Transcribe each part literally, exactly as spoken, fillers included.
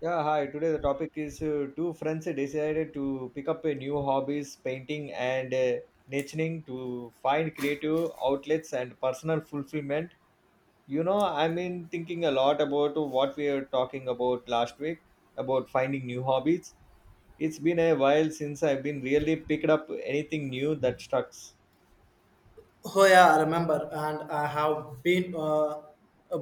Yeah, hi. Today the topic is uh, two friends decided to pick up a new hobbies, painting and uh, nichening to find creative outlets and personal fulfillment. You know, I've been thinking a lot about what we were talking about last week about finding new hobbies. It's been a while since I've been really picked up anything new that stuck. Oh yeah, I remember, and I have been uh,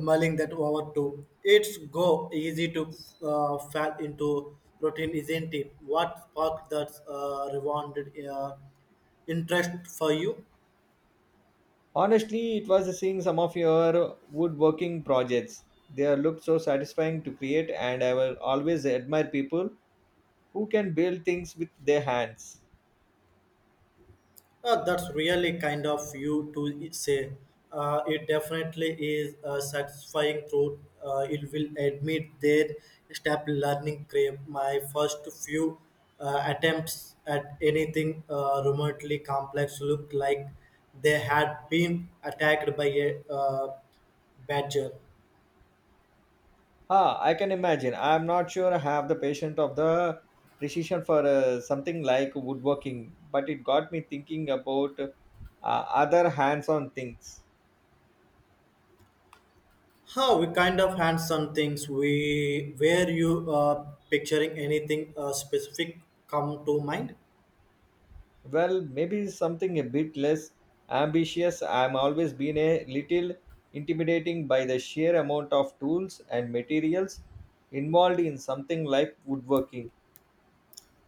mulling that over too. It's go easy to uh, fall into routine, isn't it? What sparked that uh, rewarded uh, interest for you? Honestly, it was seeing some of your woodworking projects. They look so satisfying to create, and I will always admire people who can build things with their hands. Uh, that's really kind of you to say. Uh, it definitely is a satisfying truth. Uh, it will admit their step learning crave. My first few uh, attempts at anything uh, remotely complex looked like they had been attacked by a uh, badger. Ah, I can imagine. I'm not sure I have the patience of the precision for uh, something like woodworking, but it got me thinking about uh, other hands-on things. How we kind of had some things. We were you uh, picturing anything uh, specific come to mind? Well, maybe something a bit less ambitious. I'm always been a little intimidating by the sheer amount of tools and materials involved in something like woodworking.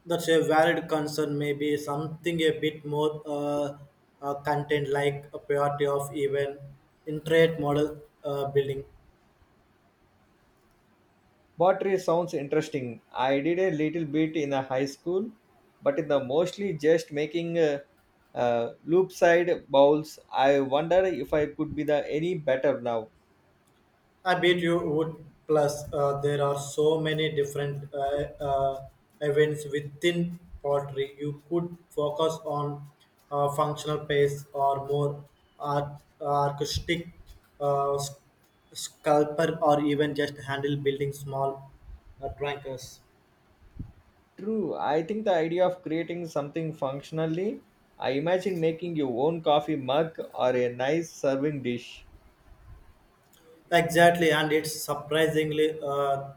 That's a valid concern. Maybe something a bit more uh, uh, content like a priority of even intrate model uh, building. Pottery sounds interesting. I did a little bit in a high school, but in the mostly just making uh, uh, loop side bowls. I wonder if I could be the any better now. I bet you would. Plus, uh, there are so many different uh, uh, events within pottery. You could focus on uh, functional pace or more art, artistic uh, s- sculptor or even just handle building small uh, trinkets. True, I think the idea of creating something functionally. I imagine making your own coffee mug or a nice serving dish. Exactly, and it's surprisingly uh,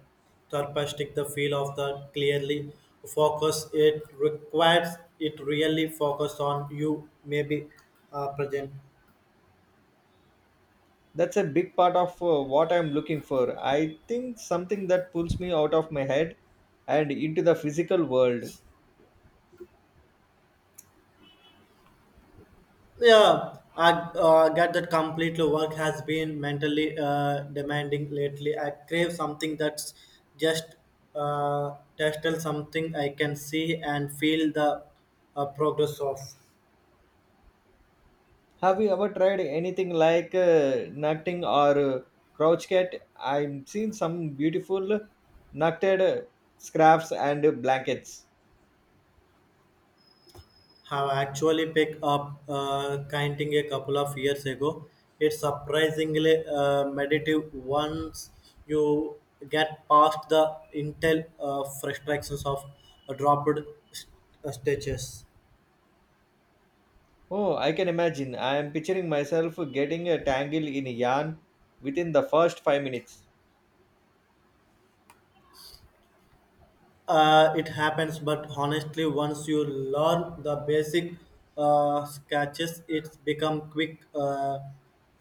therapeutic. The feel of the clearly focus it requires it really focus on you maybe uh, present. That's a big part of uh, what I'm looking for. I think something that pulls me out of my head and into the physical world. Yeah, I uh, get that completely. Work has been mentally uh, demanding lately. I crave something that's just uh, tactile, something I can see and feel the uh, progress of. Have you ever tried anything like uh, nutting or uh, crouch cat? I've seen some beautiful nutted uh, scraps and uh, blankets. Have actually picked up uh, kiting a couple of years ago. It's surprisingly uh, meditative once you get past the intel uh, frustrations of dropped st- uh, stitches. Oh, I can imagine. I am picturing myself getting uh, tangled in yarn within the first five minutes. Uh, it happens, but honestly, once you learn the basic uh, sketches, it's become quick, uh,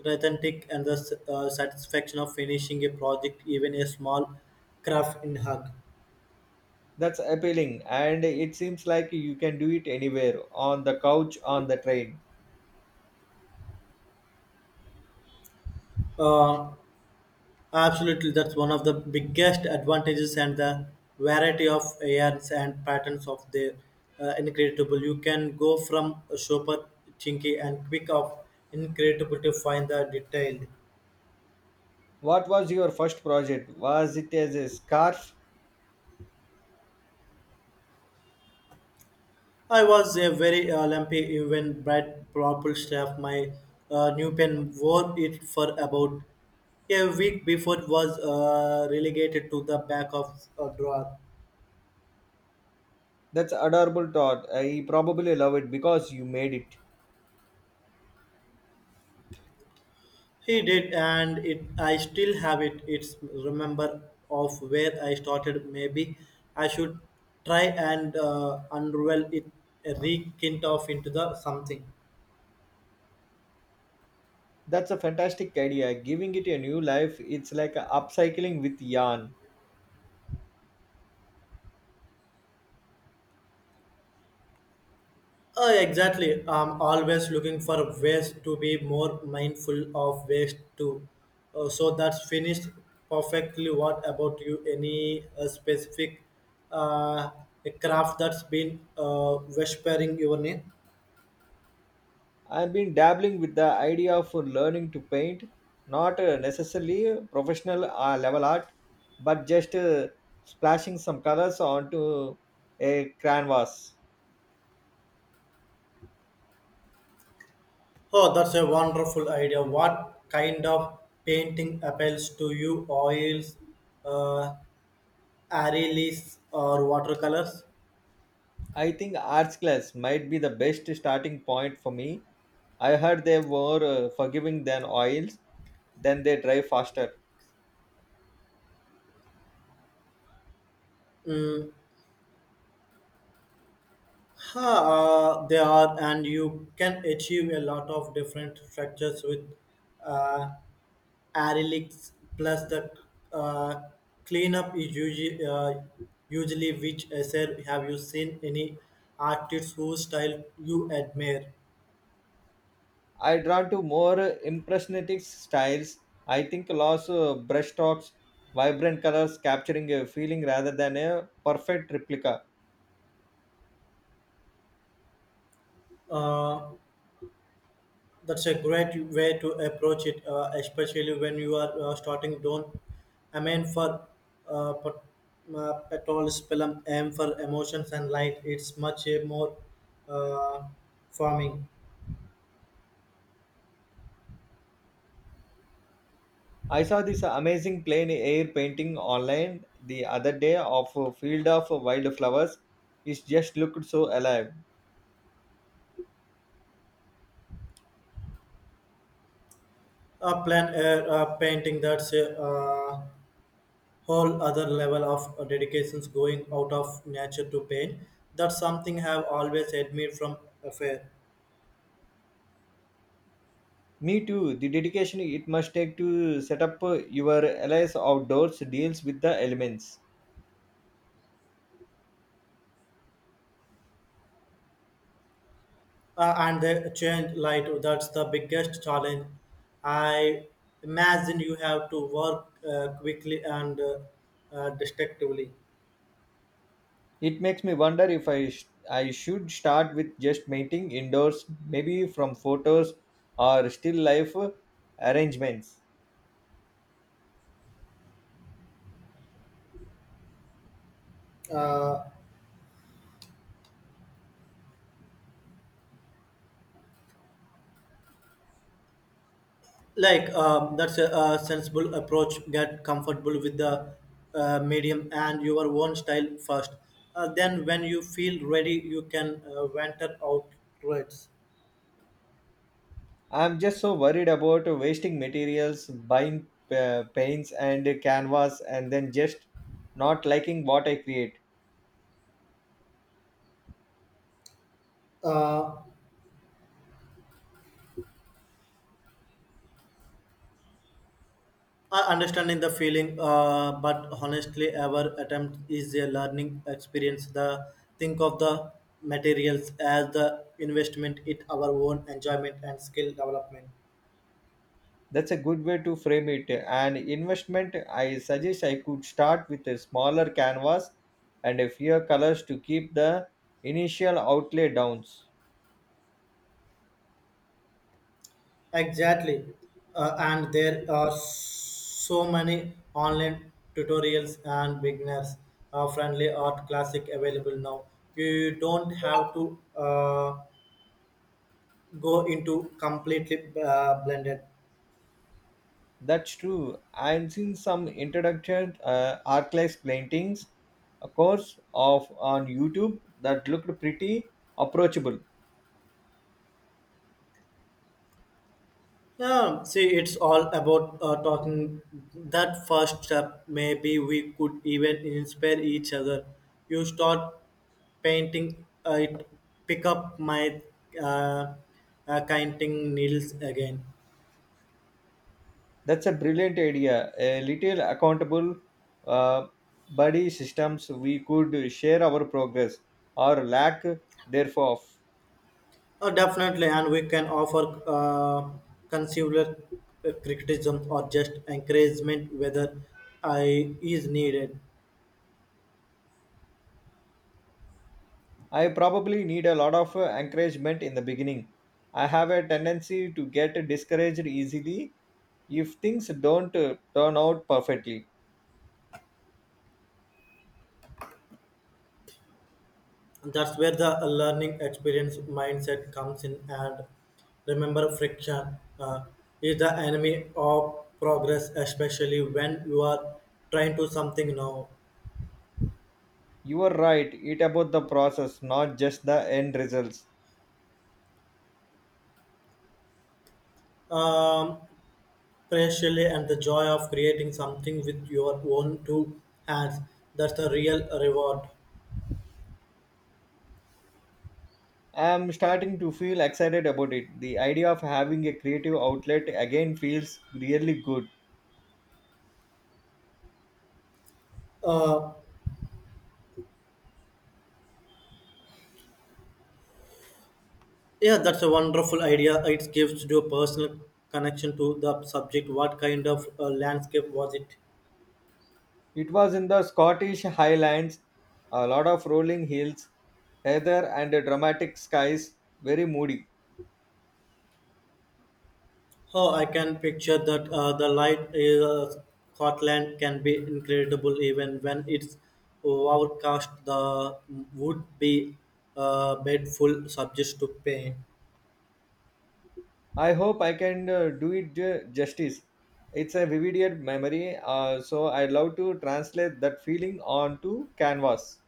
authentic, and the s- uh, satisfaction of finishing a project, even a small craft in hug. That's appealing, and it seems like you can do it anywhere on the couch, on the train. Uh, Absolutely, that's one of the biggest advantages, and the variety of yarns and patterns of their uh, incredible. You can go from a super chinky and quick of incredible to find the detailed. What was your first project? Was it as a scarf? I was a very uh, lumpy, even bright purple staff. My uh, new pen wore it for about a week before it was uh, relegated to the back of a drawer. That's adorable thought. I probably love it because you made it. He did, and it. I still have it. It's remember of where I started. Maybe I should try and uh, unravel it, rekindle off into the something. That's a fantastic idea. Giving it a new life, it's like a upcycling with yarn. Uh, exactly. I'm always looking for ways to be more mindful of waste too. Uh, so that's finished perfectly. What about you? Any uh, specific uh, craft that's been uh, whispering your name? I've been dabbling with the idea of learning to paint, not uh, necessarily professional uh, level art, but just uh, splashing some colors onto a canvas. Oh, that's a wonderful idea. What kind of painting appeals to you? Oils, uh, aerials, or watercolors? I think arts class might be the best starting point for me. I heard they were uh, forgiving than oils, then they dry faster. Ha, uh, they are, and you can achieve a lot of different structures with uh, aerials. Plus, the uh, cleanup is usually, uh, usually which essay. Have you seen any artists whose style you admire? I drawn to more impressionistic styles. I think lots of brushstrokes, vibrant colors, capturing a feeling rather than a perfect replica. Uh, That's a great way to approach it, uh, especially when you are uh, starting. Don't I mean for uh, pat- uh, petrol aim for emotions and light. It's much a more uh, farming. I saw this amazing plain air painting online the other day of a field of wildflowers. It just looked so alive. A plan uh, a painting that's a uh, whole other level of uh, dedications going out of nature to paint. That's something I have always admired from afar. Me too. The dedication it must take to set up your allies outdoors deals with the elements. uh, and the change light, that's the biggest challenge. I imagine you have to work uh, quickly and uh, uh, destructively. It makes me wonder if I, sh- I should start with just painting indoors, maybe from photos or still life arrangements. Uh, like um, that's a, a sensible approach. Get comfortable with the uh, medium and your own style first, uh, then when you feel ready you can uh, venture outwards. I'm just so worried about wasting materials, buying uh, paints and canvas, and then just not liking what I create. Uh, I understanding the feeling, uh, but honestly, our attempt is a learning experience. The think of the materials as the investment in our own enjoyment and skill development. That's a good way to frame it. An investment, I suggest I could start with a smaller canvas and a fewer colors to keep the initial outlay downs. Exactly, uh, and there are so many online tutorials and beginners uh, friendly art classic available now. You don't have to uh, go into completely uh, blended. That's true. I've seen some introduction uh, arclight paintings, a course of on YouTube that looked pretty approachable. Yeah, see, it's all about uh, talking. That first step, maybe we could even inspire each other. You start painting, I pick up my uh, uh, counting needles again. That's a brilliant idea. A little accountable uh, buddy systems we could share our progress or lack thereof. Oh, definitely, and we can offer uh, consular uh, criticism or just encouragement whether I is needed. I probably need a lot of uh, encouragement in the beginning. I have a tendency to get discouraged easily if things don't uh, turn out perfectly. That's where the learning experience mindset comes in, and remember friction uh, is the enemy of progress, especially when you are trying to something now. You are right, it about the process, not just the end results. Um, especially, and the joy of creating something with your own two hands, that's the real reward. I am starting to feel excited about it. The idea of having a creative outlet again feels really good. Uh, yeah, that's a wonderful idea. It gives you a personal connection to the subject. What kind of uh, landscape was it? It was in the Scottish Highlands, a lot of rolling hills, heather, and dramatic skies, very moody. Oh, I can picture that. Uh, the light in uh, Scotland can be incredible even when it's overcast. The would be a bedful subject to pain, I hope I can uh, do it ju- justice. It's a vivid memory, uh, so I would love to translate that feeling onto canvas.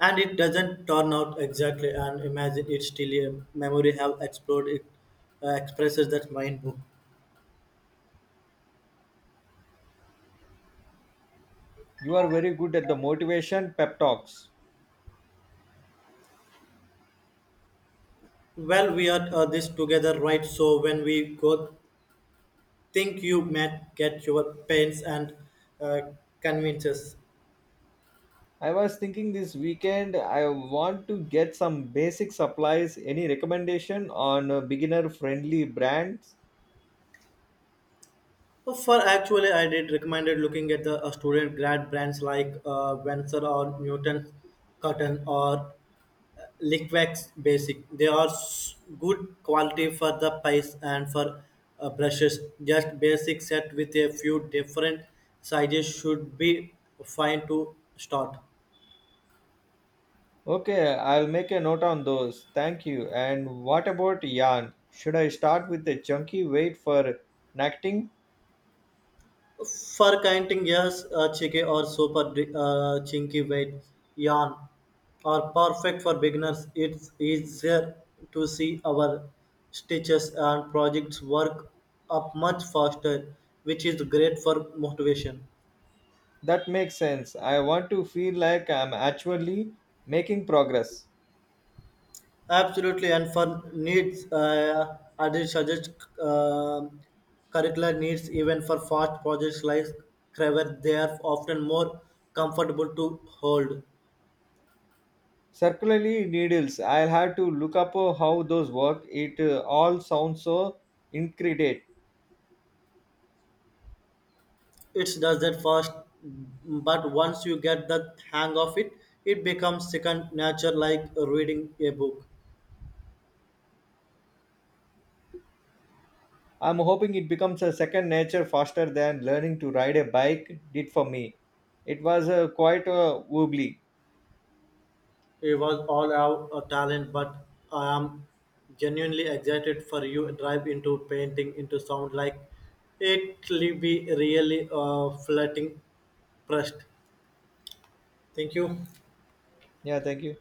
and it doesn't turn out exactly. And imagine it's still a memory have explored it uh, expresses that mind book. You are very good at the motivation pep talks. Well, we are uh, this together, right? So when we go, think you might get your pains and uh, convinces. I was thinking this weekend I want to get some basic supplies. Any recommendation on uh, beginner friendly brands? Well, for actually, I did recommended looking at the uh, student grad brands like uh, Venser or Newton Cotton or Liquex Basic. They are s- good quality for the price. And for uh, brushes. Just basic set with a few different sizes should be fine to start. Okay, I'll make a note on those. Thank you. And what about yarn? Should I start with a chunky weight for knitting? For counting years, a cheeky or super uh, chinky weight yarn are perfect for beginners. It's easier to see our stitches, and projects work up much faster, which is great for motivation. That makes sense. I want to feel like I'm actually making progress. Absolutely, and for needs, uh, I did suggest uh, curricular needs even for fast projects like Craver. They are often more comfortable to hold. Circularly needles. I'll have to look up uh, how those work. It uh, all sounds so intricate. It does that first, but once you get the hang of it, it becomes second nature, like reading a book. I'm hoping it becomes a second nature faster than learning to ride a bike did for me. It was uh, quite a wobbly. It was all our uh, talent, but I am genuinely excited for you drive into painting into sound like it will be really uh, flatting pressed. Thank you. Yeah, thank you.